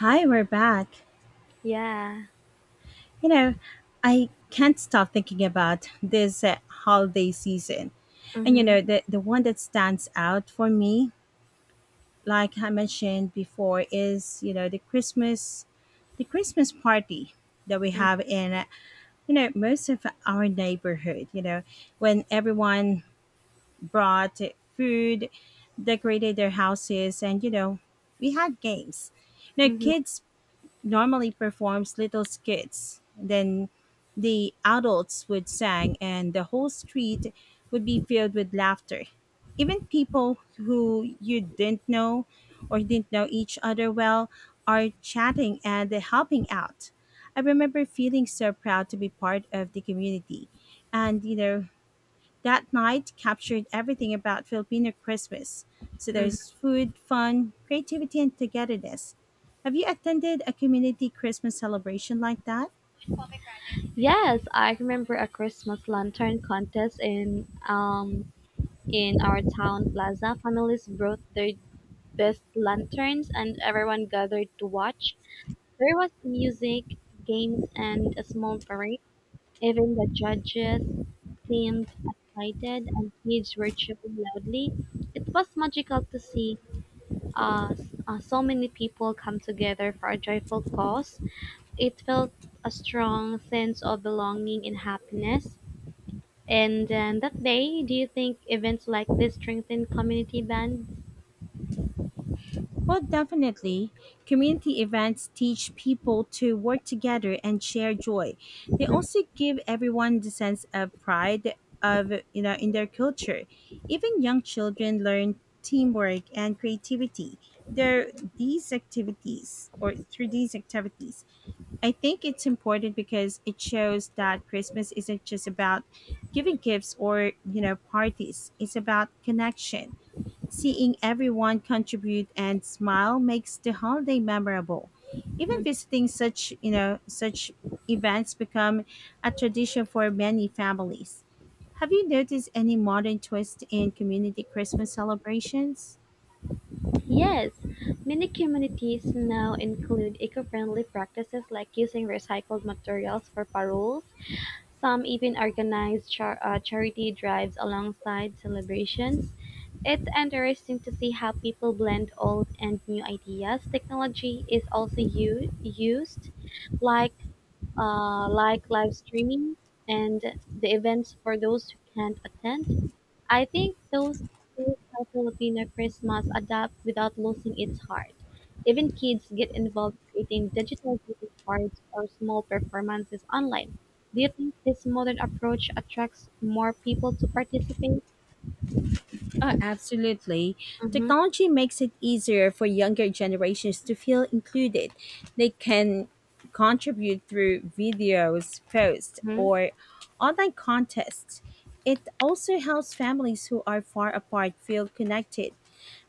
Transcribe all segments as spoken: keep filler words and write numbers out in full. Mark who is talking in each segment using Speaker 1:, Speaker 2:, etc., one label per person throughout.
Speaker 1: Hi, we're back.
Speaker 2: Yeah.
Speaker 1: You know, I can't stop thinking about this uh, holiday season. And you
Speaker 2: Mhm.
Speaker 1: know, the the one that stands out for me, like I mentioned before, is, you know, the Christmas the Christmas party that we
Speaker 2: Mhm.
Speaker 1: have in uh, you know, most of our neighborhood, you know, when everyone brought food, decorated their houses, and you know, we had games. You know,
Speaker 2: Mhm.
Speaker 1: kids normally performs little skits. Then the adults would sing, and the whole street would be filled with laughter. Even people who you didn't know or didn't know each other well are chatting and helping out. I remember feeling so proud to be part of the community. And, you know, that night captured everything about Filipino Christmas. So
Speaker 2: Mhm.
Speaker 1: there's food, fun, creativity, and togetherness. Have you attended a community Christmas celebration like that?
Speaker 2: Yes, I remember a Christmas lantern contest in um in our town plaza. Families brought their best lanterns and everyone gathered to watch. There was music, games and a small parade. Even the judges seemed excited and kids were cheering loudly. It was magical to see uh, s- uh, so many people come together for a joyful cause. It felt a strong sense of belonging and happiness. And then that day, do you think events like this strengthen community bands?
Speaker 1: Well, definitely. Community events teach people to work together and share joy. They also give everyone the sense of pride of you know in their culture. Even young children learn teamwork and creativity. There these activities or through these activities. I think it's important because it shows that Christmas isn't just about giving gifts or, you know, parties. It's about connection. Seeing everyone contribute and smile makes the holiday memorable. Even
Speaker 2: Mm.
Speaker 1: visiting such, you know, such events become a tradition for many families. Have you noticed any modern twist in community Christmas celebrations?
Speaker 2: Yes, many communities now include eco-friendly practices like using recycled materials for paroles. Some even organize char- uh, charity drives alongside celebrations. It's interesting to see how people blend old and new ideas. Technology is also u- used like uh, like live streaming and the events for those who can't attend. I think those shows how Filipino Christmas adapt without losing its heart. Even kids get involved creating digital greeting cards or small performances online. Do you think this modern approach attracts more people to participate?
Speaker 1: Uh, absolutely.
Speaker 2: Mm-hmm,
Speaker 1: Technology makes it easier for younger generations to feel included. They can contribute through videos, posts,
Speaker 2: mm-hmm,
Speaker 1: or online contests. It also helps families who are far apart feel connected.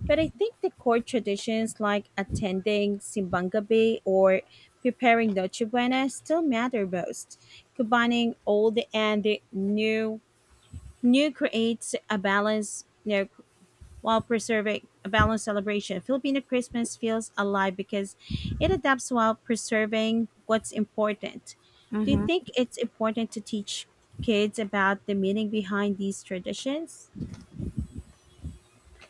Speaker 1: But I think the core traditions like attending Simbang Gabi or preparing Noche Buena still matter most. Combining old and new new creates a balance you know while preserving a balanced celebration. Filipino Christmas feels alive because it adapts while preserving what's important. Do you
Speaker 2: mm-hmm.
Speaker 1: think it's important to teach kids about the meaning behind these traditions?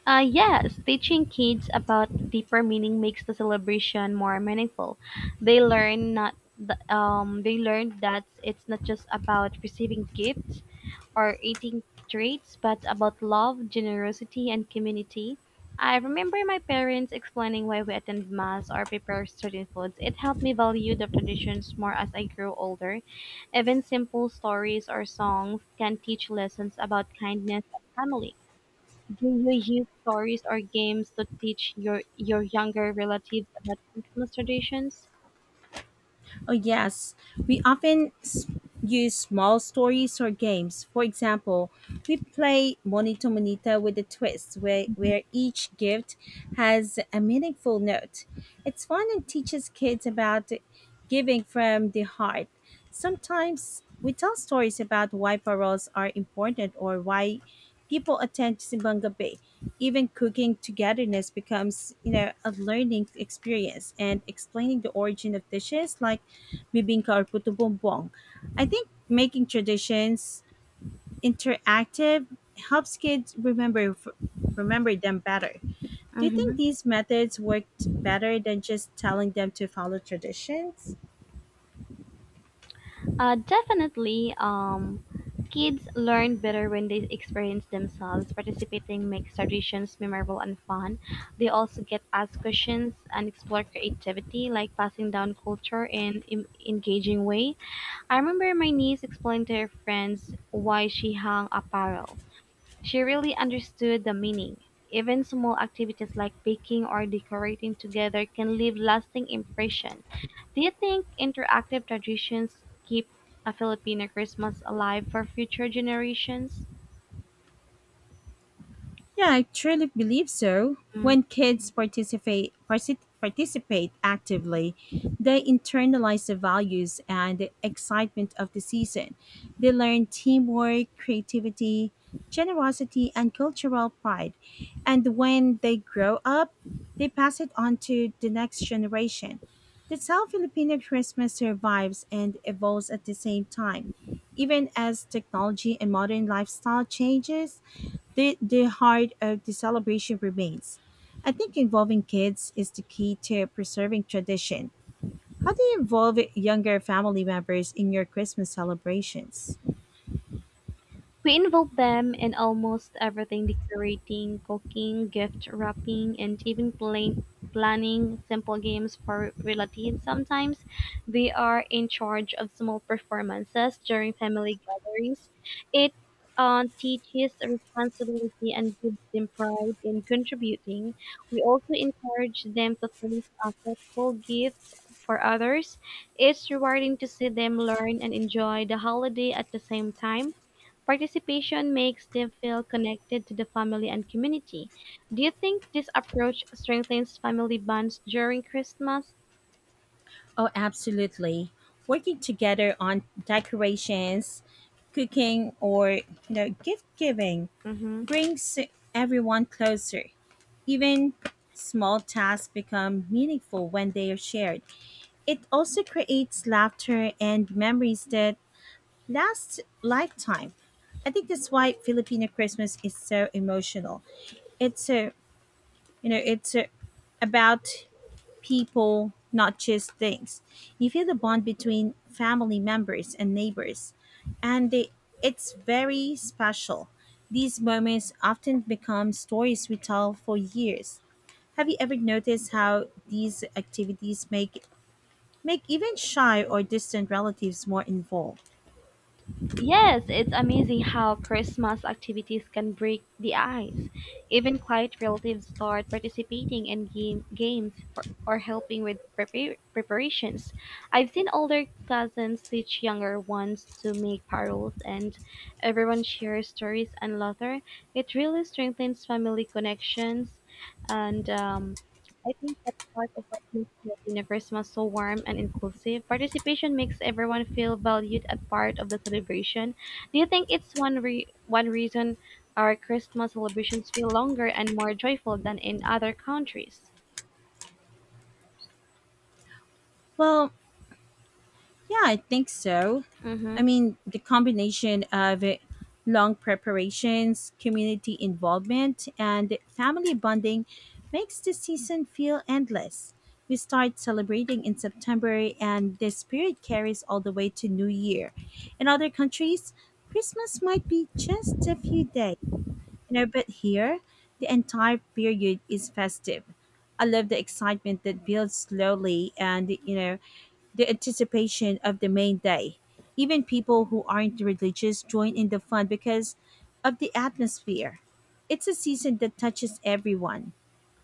Speaker 2: Uh, yes, teaching kids about deeper meaning makes the celebration more meaningful. They learn not th- um, they learn that it's not just about receiving gifts or eating treats, but about love, generosity, and community. I remember my parents explaining why we attend mass or prepare certain foods. It helped me value the traditions more as I grew older. Even simple stories or songs can teach lessons about kindness and family. Do you use stories or games to teach your your younger relatives about Christmas traditions?
Speaker 1: Oh, yes. We often s- use small stories or games. For example, we play Monito Monita with a twist, where, where each gift has a meaningful note. It's fun and teaches kids about giving from the heart. Sometimes we tell stories about why paroles are important or why people attend Simbanga Bay. Even cooking togetherness becomes, you know, a learning experience and explaining the origin of dishes like bibingka or puto bumbong. I think making traditions interactive helps kids remember remember them better. Do you think
Speaker 2: Mm-hmm.
Speaker 1: these methods worked better than just telling them to follow traditions?
Speaker 2: Uh, definitely, um, kids learn better when they experience themselves. Participating makes traditions memorable and fun. They also get asked questions and explore creativity, like passing down culture in in engaging way. I remember my niece explained to her friends why she hung apparel. She really understood the meaning. Even small activities like baking or decorating together can leave lasting impression. Do you think interactive traditions keep a Filipino Christmas alive for future generations?
Speaker 1: Yeah, I truly believe so. When kids participate partic- participate actively, they internalize the values and the excitement of the season. They learn teamwork, creativity, generosity, and cultural pride. And when they grow up, they pass it on to the next generation. That's how Filipino Christmas survives and evolves at the same time. Even as technology and modern lifestyle changes, the, the heart of the celebration remains. I think involving kids is the key to preserving tradition. How do you involve younger family members in your Christmas celebrations?
Speaker 2: We involve them in almost everything decorating, cooking, gift wrapping, and even plan- planning simple games for relatives. Sometimes we are in charge of small performances during family gatherings. It uh, teaches responsibility and gives them pride in contributing. We also encourage them to think of thoughtful gifts for others. It's rewarding to see them learn and enjoy the holiday at the same time. Participation makes them feel connected to the family and community. Do you think this approach strengthens family bonds during Christmas?
Speaker 1: Oh, absolutely. Working together on decorations, cooking, or you know, gift giving
Speaker 2: Mm-hmm.
Speaker 1: brings everyone closer. Even small tasks become meaningful when they are shared. It also creates laughter and memories that Last lifetime. I think that's why Filipino Christmas is so emotional. It's a, you know, it's a, about people, not just things. You feel the bond between family members and neighbors, and they, it's very special. These moments often become stories we tell for years. Have you ever noticed how these activities make make even shy or distant relatives more involved?
Speaker 2: Yes, it's amazing how Christmas activities can break the ice. Even quiet relatives start participating in game, games for, or helping with prepar- preparations. I've seen older cousins teach younger ones to make paroles, and everyone shares stories and laughter. It really strengthens family connections, and um, I think part of what makes the Universe so warm and inclusive. Participation makes everyone feel valued and part of the celebration. Do you think it's one re- one reason our Christmas celebrations feel longer and more joyful than in other countries?
Speaker 1: Well, yeah, I think so.
Speaker 2: Mm-hmm.
Speaker 1: I mean, the combination of uh, long preparations, community involvement, and family bonding makes the season feel endless. We start celebrating in September, and the spirit carries all the way to New Year. In other countries, Christmas might be just a few days. You know, but here, the entire period is festive. I love the excitement that builds slowly and, you know, the anticipation of the main day. Even people who aren't religious join in the fun because of the atmosphere. It's a season that touches everyone.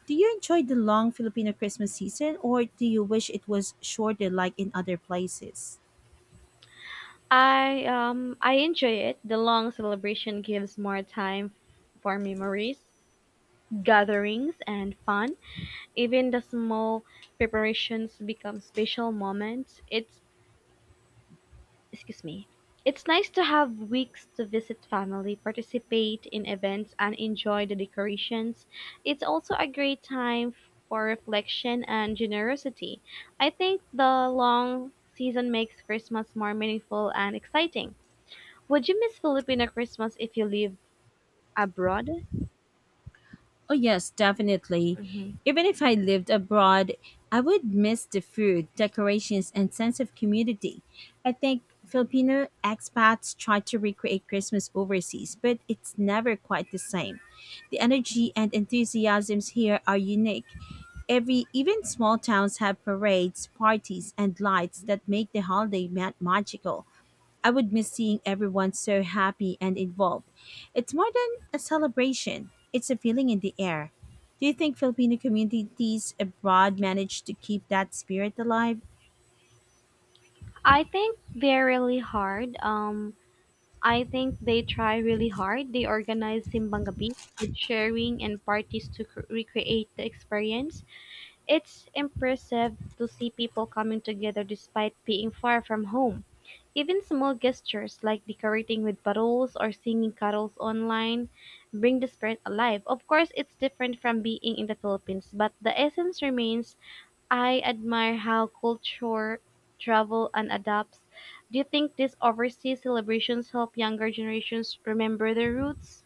Speaker 1: Do you enjoy the long Filipino Christmas season or do you wish it was shorter like in other places?
Speaker 2: I um I enjoy it. The long celebration gives more time for memories, gatherings, and fun. Even the small preparations become special moments. It's excuse me. It's nice to have weeks to visit family, participate in events, and enjoy the decorations. It's also a great time for reflection and generosity. I think the long season makes Christmas more meaningful and exciting. Would you miss Filipino Christmas if you live abroad?
Speaker 1: Oh, yes, definitely.
Speaker 2: Hmm.
Speaker 1: Even if I lived abroad, I would miss the food, decorations, and sense of community. I think Filipino expats try to recreate Christmas overseas, but it's never quite the same. The energy and enthusiasms here are unique. Every even small towns have parades, parties, and lights that make the holiday ma- magical. I would miss seeing everyone so happy and involved. It's more than a celebration, it's a feeling in the air. Do you think Filipino communities abroad manage to keep that spirit alive?
Speaker 2: I think they're really hard. Um, I think they try really hard. They organize Simbang Gabi, food sharing, and parties to cr- recreate the experience. It's impressive to see people coming together despite being far from home. Even small gestures like decorating with bottles or singing carols online bring the spirit alive. Of course, it's different from being in the Philippines, but the essence remains. I admire how culture travel and adapts. Do you think these overseas celebrations help younger generations remember their roots?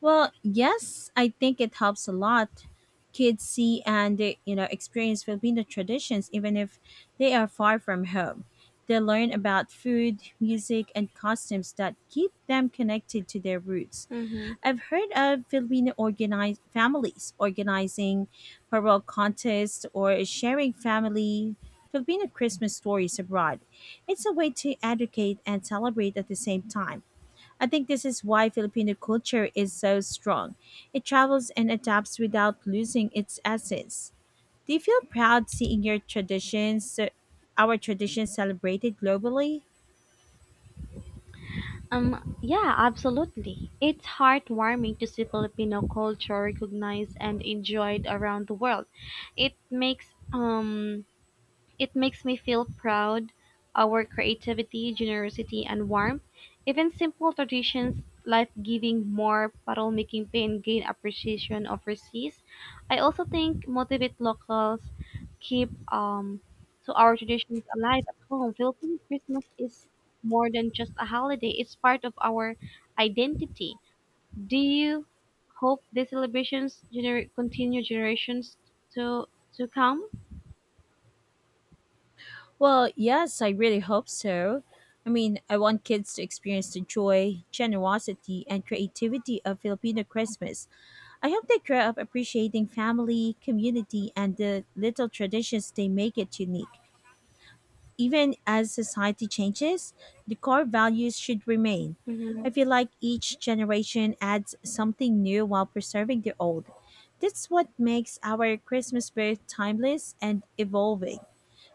Speaker 1: Well, yes, I think it helps a lot. Kids see and uh, you know experience Filipino traditions even if they are far from home. They learn about food, music, and costumes that keep them connected to their roots.
Speaker 2: Mm-hmm.
Speaker 1: I've heard of Filipino organized families organizing parole contests or sharing family Filipino Christmas stories abroad. It's a way to educate and celebrate at the same time. I think this is why Filipino culture is so strong. It travels and adapts without losing its essence. Do you feel proud seeing your traditions, uh, our traditions celebrated globally?
Speaker 2: Um, yeah, absolutely. It's heartwarming to see Filipino culture recognized and enjoyed around the world. It makes um It makes me feel proud. Our creativity, generosity, and warmth, even simple traditions like giving more, bottle making pain gain appreciation overseas. I also think motivate locals keep um so our traditions alive at home. Philippine Christmas is more than just a holiday; it's part of our identity. Do you hope the celebrations gener- continue generations to to come?
Speaker 1: Well, yes, I really hope so. I mean, I want kids to experience the joy, generosity, and creativity of Filipino Christmas. I hope they grow up appreciating family, community, and the little traditions they make it unique. Even as society changes, the core values should remain.
Speaker 2: Mhm.
Speaker 1: I feel like each generation adds something new while preserving the old. That's what makes our Christmas both timeless and evolving.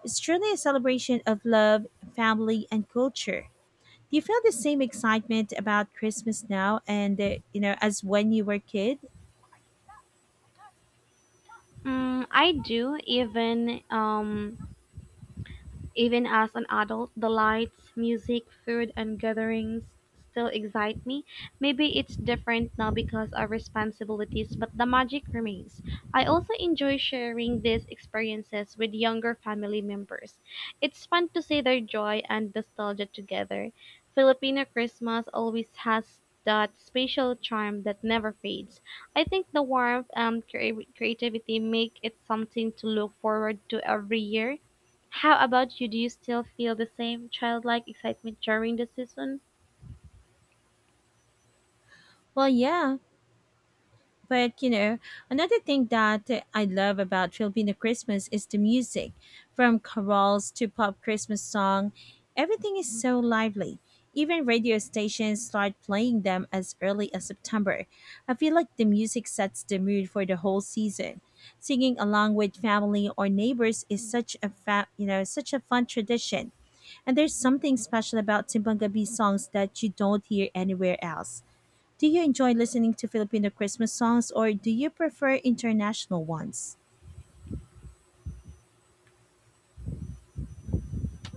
Speaker 1: It's truly a celebration of love, family, and culture. Do you feel the same excitement about Christmas now and uh, you know as when you were a kid?
Speaker 2: Mm, I do even um even as an adult, the lights, music, food, and gatherings still excite me. Maybe it's different now because of responsibilities, but the magic remains. I also enjoy sharing these experiences with younger family members. It's fun to see their joy and nostalgia together. Filipino Christmas always has that special charm that never fades. I think the warmth and crea- creativity make it something to look forward to every year. How about you? Do you still feel the same childlike excitement during the season?
Speaker 1: Well, yeah, but you know, another thing that I love about Filipino Christmas is the music. From carols to pop Christmas song, everything is so lively. Even radio stations start playing them as early as September. I feel like the music sets the mood for the whole season. Singing along with family or neighbors is such a fa- you know, such a fun tradition. And there's something special about Timbangabi songs that you don't hear anywhere else. Do you enjoy listening to Filipino Christmas songs or do you prefer international ones?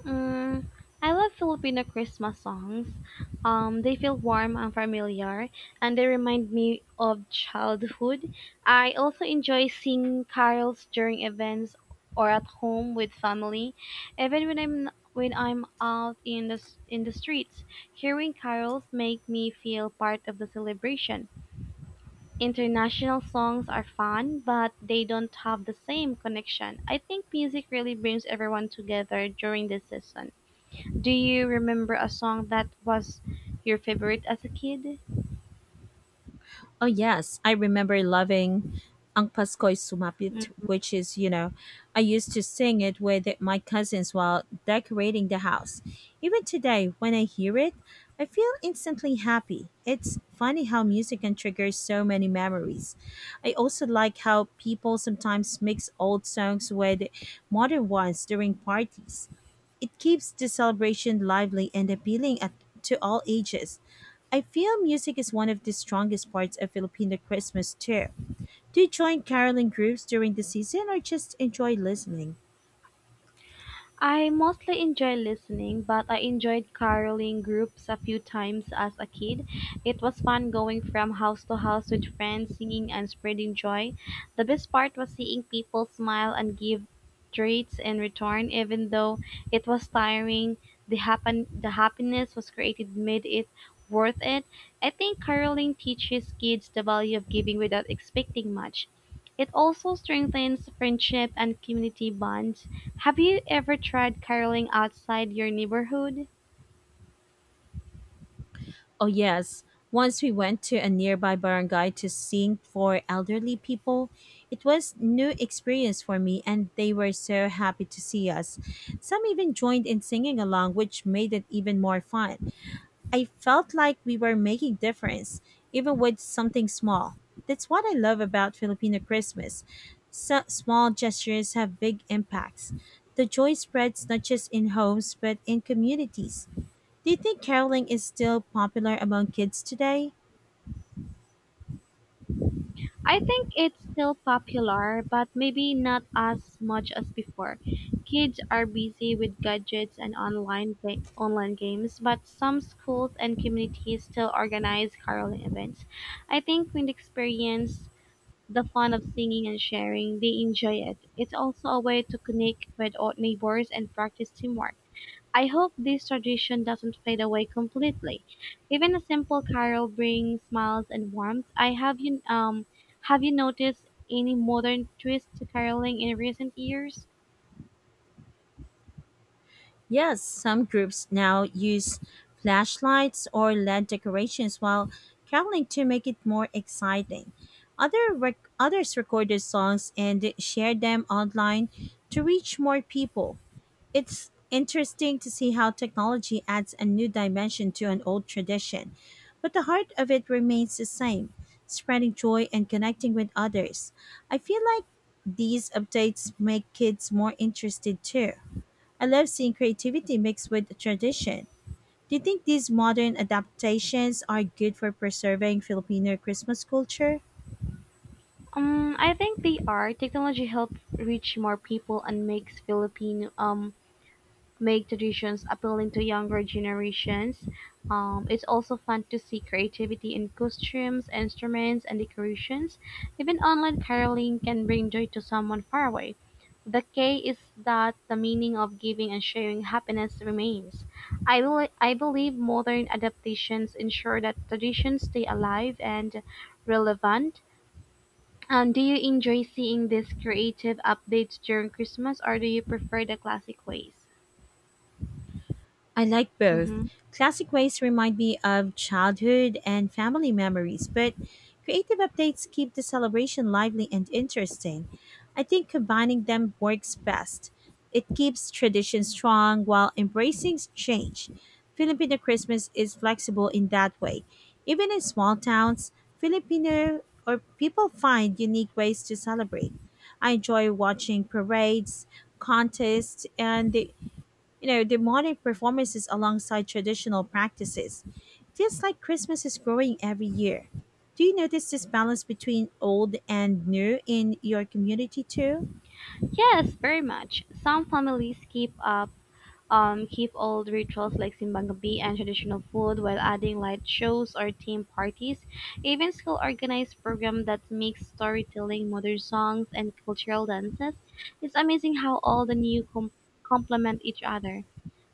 Speaker 2: Mm, I love Filipino Christmas songs. Um, they feel warm and familiar, and they remind me of childhood. I also enjoy singing carols during events or at home with family, even when I'm when I'm out in the s- in the streets. Hearing carols make me feel part of the celebration. International songs are fun, but they don't have the same connection. I think music really brings everyone together during this season. Do you remember a song that was your favorite as a kid?
Speaker 1: Oh yes, I remember loving Ang Pasko'y Sumapit, which is, you know, I used to sing it with my cousins while decorating the house. Even today, when I hear it, I feel instantly happy. It's funny how music can trigger so many memories. I also like how people sometimes mix old songs with modern ones during parties. It keeps the celebration lively and appealing at, to all ages. I feel music is one of the strongest parts of Filipino Christmas too. Do you join caroling groups during the season or just enjoy listening?
Speaker 2: I mostly enjoy listening, but I enjoyed caroling groups a few times as a kid. It was fun going from house to house with friends, singing and spreading joy. The best part was seeing people smile and give treats in return, even though it was tiring. The happen the happiness was created made it worth it. I think caroling teaches kids the value of giving without expecting much. It also strengthens friendship and community bonds. Have you ever tried caroling outside your neighborhood?
Speaker 1: Oh, yes. Once we went to a nearby barangay to sing for elderly people. It was new experience for me and they were so happy to see us. Some even joined in singing along which made it even more fun. I felt like we were making difference, even with something small. That's what I love about Filipino Christmas. So, small gestures have big impacts. The joy spreads not just in homes, but in communities. Do you think caroling is still popular among kids today?
Speaker 2: I think it's still popular, but maybe not as much as before. Kids are busy with gadgets and online ga- online games, but some schools and communities still organize caroling events. I think when they experience the fun of singing and sharing, they enjoy it. It's also a way to connect with old neighbors and practice teamwork. I hope this tradition doesn't fade away completely. Even a simple carol brings smiles and warmth. I have you um Have you noticed any modern twist to caroling in recent years?
Speaker 1: Yes, some groups now use flashlights or L E D decorations while traveling to make it more exciting. Other rec- others recorded songs and shared them online to reach more people. It's interesting to see how technology adds a new dimension to an old tradition, but the heart of it remains the same, spreading joy and connecting with others. I feel like these updates make kids more interested too. I love seeing creativity mixed with tradition. Do you think these modern adaptations are good for preserving Filipino Christmas culture?
Speaker 2: Um, I think they are. Technology helps reach more people and makes Filipino um make traditions appealing to younger generations. Um, it's also fun to see creativity in costumes, instruments, and decorations. Even online caroling can bring joy to someone far away. The key is that the meaning of giving and sharing happiness remains. I, bel I believe modern adaptations ensure that traditions stay alive and relevant. Um, do you enjoy seeing these creative updates during Christmas or do you prefer the classic ways?
Speaker 1: I like both.
Speaker 2: Mm-hmm.
Speaker 1: Classic ways remind me of childhood and family memories, but creative updates keep the celebration lively and interesting. I think combining them works best. It keeps tradition strong while embracing change. Filipino Christmas is flexible in that way. Even in small towns, Filipino or people find unique ways to celebrate. I enjoy watching parades, contests, and the you know, demonic performances alongside traditional practices. It feels like Christmas is growing every year. Do you notice this balance between old and new in your community too?
Speaker 2: Yes, very much. Some families keep up um, keep old rituals like Simbang Gabi and traditional food while adding light shows or theme parties. Events will organize program that mix storytelling, modern songs, and cultural dances. It's amazing how all the new com- complement each other.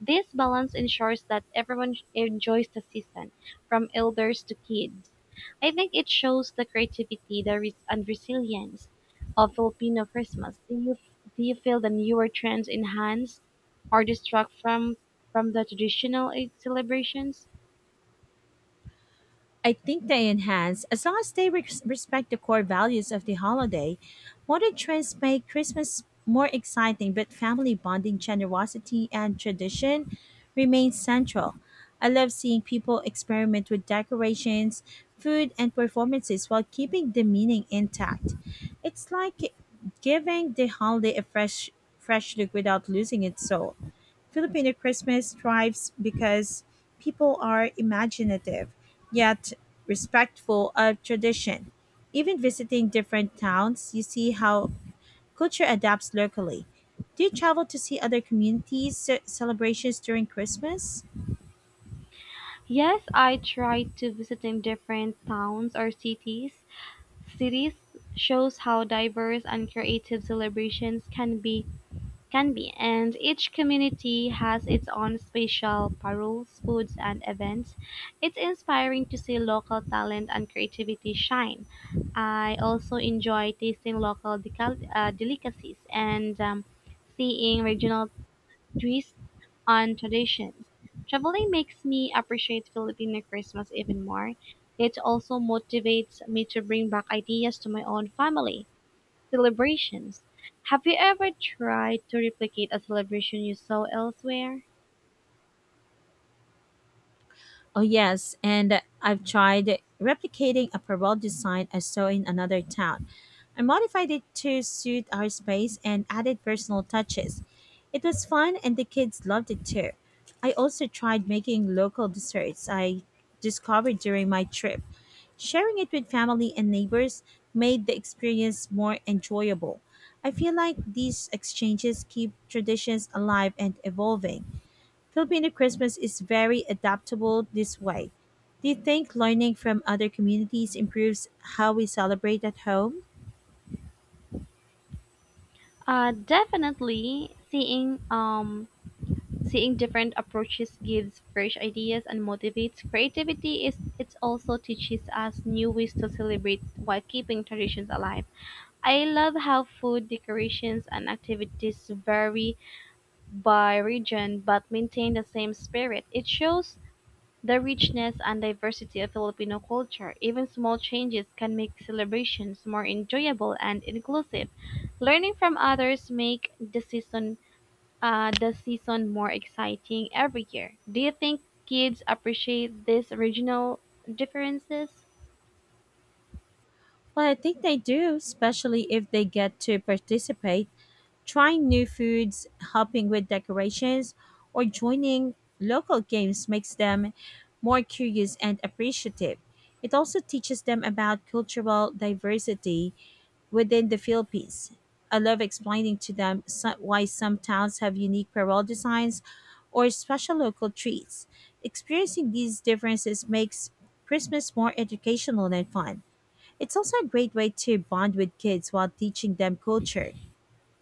Speaker 2: This balance ensures that everyone enjoys the season, from elders to kids. I think it shows the creativity the res- and resilience of Filipino Christmas. Do you, do you feel the newer trends enhance or distract from from the traditional Eid celebrations?
Speaker 1: I think they enhance, as long as they res- respect the core values of the holiday. Modern trends make Christmas more exciting, but family bonding, generosity, and tradition remain central. I love seeing people experiment with decorations, food, and performances while keeping the meaning intact. It's like giving the holiday a fresh, fresh look without losing its soul. Filipino Christmas thrives because people are imaginative yet respectful of tradition. Even visiting different towns, you see how culture adapts locally. Do you travel to see other communities' ce- celebrations during Christmas?
Speaker 2: Yes, I try to visiting different towns or cities. Cities shows how diverse and creative celebrations can be can be and each community has its own special paroles, foods and events. It's inspiring to see local talent and creativity shine. I also enjoy tasting local decal- uh, delicacies and um, seeing regional twists on traditions. Traveling makes me appreciate Filipino Christmas even more. It also motivates me to bring back ideas to my own family celebrations. Have you ever tried to replicate a celebration you saw elsewhere?
Speaker 1: Oh, yes, and I've tried replicating a parole design I saw in another town. I modified it to suit our space and added personal touches. It was fun and the kids loved it too. I also tried making local desserts I discovered during my trip. Sharing it with family and neighbors made the experience more enjoyable. I feel like these exchanges keep traditions alive and evolving. Filipino Christmas is very adaptable this way. Do you think learning from other communities improves how we celebrate at home?
Speaker 2: Uh, definitely, seeing um seeing different approaches gives fresh ideas and motivates creativity. Is it also teaches us new ways to celebrate while keeping traditions alive. I love how food decorations and activities vary by region but maintain the same spirit. It shows the richness and diversity of Filipino culture. Even small changes can make celebrations more enjoyable and inclusive. Learning from others make the season uh, the season more exciting every year. Do you think kids appreciate these regional differences?
Speaker 1: Well, I think they do, especially if they get to participate, trying new foods, helping with decorations, or joining local games makes them more curious and appreciative. It also teaches them about cultural diversity within the Philippines. I love explaining to them so- why some towns have unique parole designs or special local treats. Experiencing these differences makes Christmas more educational and fun. It's also a great way to bond with kids while teaching them culture.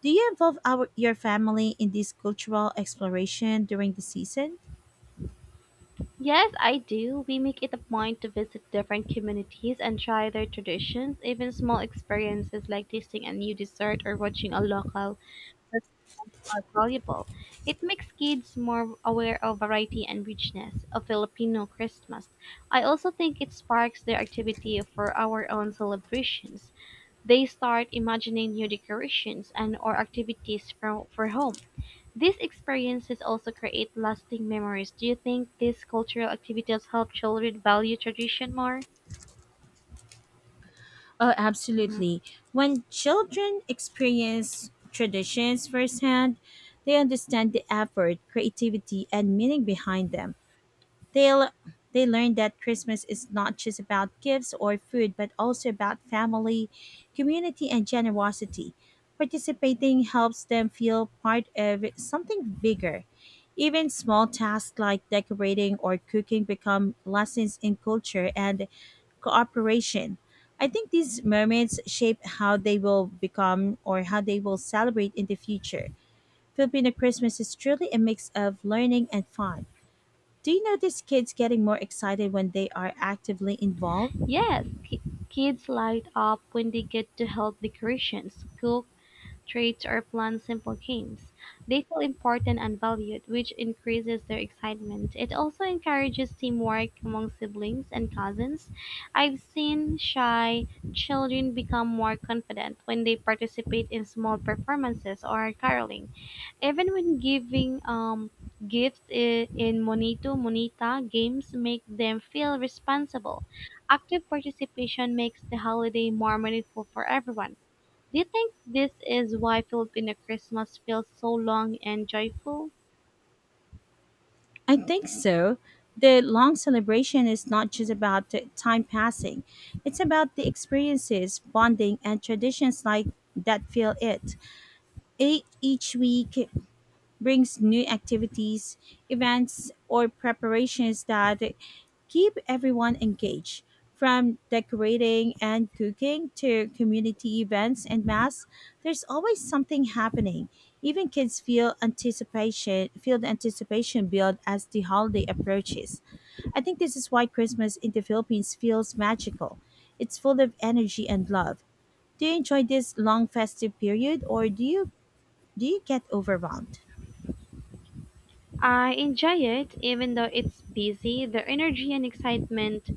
Speaker 1: Do you involve our, your family in this cultural exploration during the season?
Speaker 2: Yes, I do. We make it a point to visit different communities and try their traditions, even small experiences like tasting a new dessert or watching a local restaurant are valuable. It makes kids more aware of variety and richness of Filipino Christmas. I also think it sparks their activity for our own celebrations. They start imagining new decorations and or activities for, for home. These experiences also create lasting memories. Do you think these cultural activities help children value tradition more?
Speaker 1: Oh,
Speaker 2: Hmm.
Speaker 1: absolutely. When children experience traditions firsthand, they understand the effort, creativity, and meaning behind them. They, l- they learn that Christmas is not just about gifts or food, but also about family, community, and generosity. Participating helps them feel part of something bigger. Even small tasks like decorating or cooking become lessons in culture and cooperation. I think these moments shape how they will become or how they will celebrate in the future. Filipino Christmas is truly a mix of learning and fun. Do you notice kids getting more excited when they are actively involved?
Speaker 2: Yes, ki- kids light up when they get to help decorations, cook, trades, or plan simple games. They feel important and valued, which increases their excitement. It also encourages teamwork among siblings and cousins. I've seen shy children become more confident when they participate in small performances or caroling. Even when giving um, gifts i- in Monito Monita, games make them feel responsible. Active participation makes the holiday more meaningful for everyone. Do you think this is why Filipino Christmas feels so long and joyful?
Speaker 1: I think so. The long celebration is not just about the time passing, it's about the experiences, bonding, and traditions like that feel it. E- Each week brings new activities, events, or preparations that keep everyone engaged. From decorating and cooking to community events and mass, there's always something happening. Even kids feel anticipation, feel the anticipation build as the holiday approaches. I think this is why Christmas in the Philippines feels magical. It's full of energy and love. Do you enjoy this long festive period or do you do you get overwhelmed?
Speaker 2: I enjoy it, even though it's busy. The energy and excitement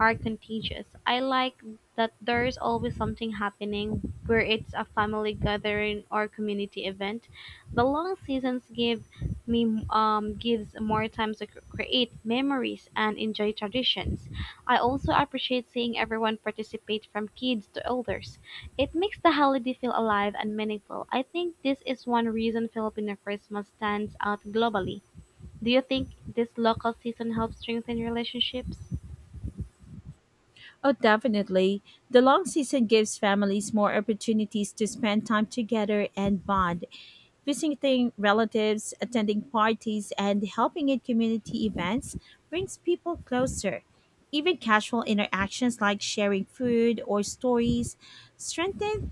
Speaker 2: are contagious. I like that there's always something happening, where it's a family gathering or community event. The long seasons give me um, gives more time to cr- create memories and enjoy traditions. I also appreciate seeing everyone participate from kids to elders. It makes the holiday feel alive and meaningful. I think this is one reason Filipino Christmas stands out globally. Do you think this local season helps strengthen relationships?
Speaker 1: Oh, definitely. The long season gives families more opportunities to spend time together and bond, visiting relatives, attending parties, and helping in community events brings people closer. Even casual interactions like sharing food or stories strengthen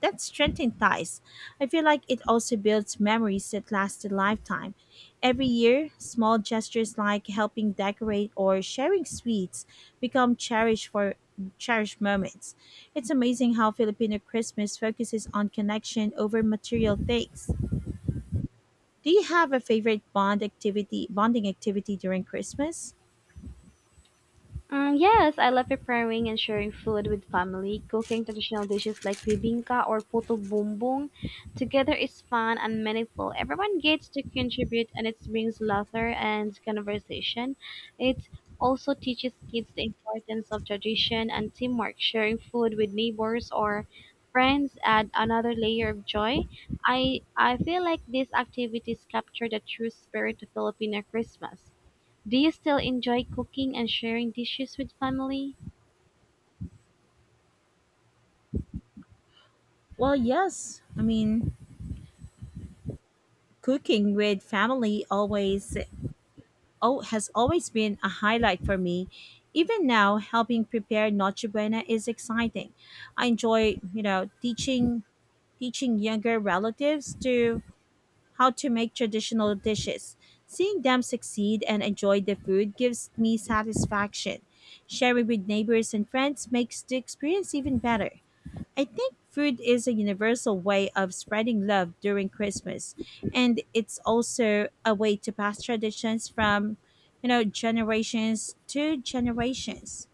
Speaker 1: that strengthens ties. I feel like it also builds memories that last a lifetime. Every year, small gestures like helping decorate or sharing sweets become cherished for cherished moments. It's amazing how Filipino Christmas focuses on connection over material things. Do you have a favorite bond activity, bonding activity during Christmas?
Speaker 2: Um, yes, I love preparing and sharing food with family. Cooking traditional dishes like bibingka or puto bumbong together is fun and meaningful. Everyone gets to contribute and it brings laughter and conversation. It also teaches kids the importance of tradition and teamwork. Sharing food with neighbors or friends add another layer of joy. I I feel like these activities capture the true spirit of Filipino Christmas. Do you still enjoy cooking and sharing dishes with family?
Speaker 1: Well, yes. I mean, cooking with family always oh, has always been a highlight for me. Even now, helping prepare Noche Buena is exciting. I enjoy, you know, teaching teaching younger relatives to how to make traditional dishes. Seeing them succeed and enjoy the food gives me satisfaction. Sharing with neighbors and friends makes the experience even better. I think food is a universal way of spreading love during Christmas, and it's also a way to pass traditions from, you know, generations to generations.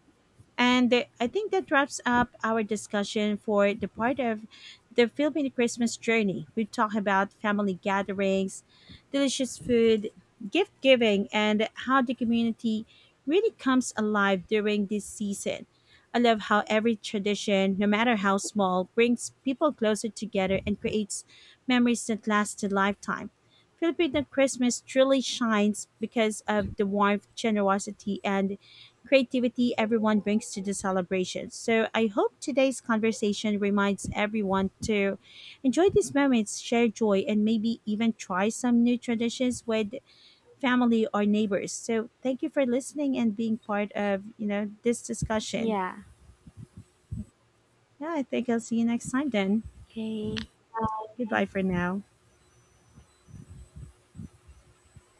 Speaker 1: And th- I think that wraps up our discussion for the part of the Filipino Christmas journey. We talked about family gatherings, delicious food, gift giving, and how the community really comes alive during this season. I love how every tradition, no matter how small, brings people closer together and creates memories that last a lifetime. Filipino Christmas truly shines because of the warmth, generosity, and creativity everyone brings to the celebration. So I hope today's conversation reminds everyone to enjoy these moments, share joy, and maybe even try some new traditions with family or neighbors. So thank you for listening and being part of, you know, this discussion.
Speaker 2: Yeah.
Speaker 1: Yeah, I think I'll see you next time then.
Speaker 2: Okay.
Speaker 1: Goodbye
Speaker 2: Bye.
Speaker 1: for now.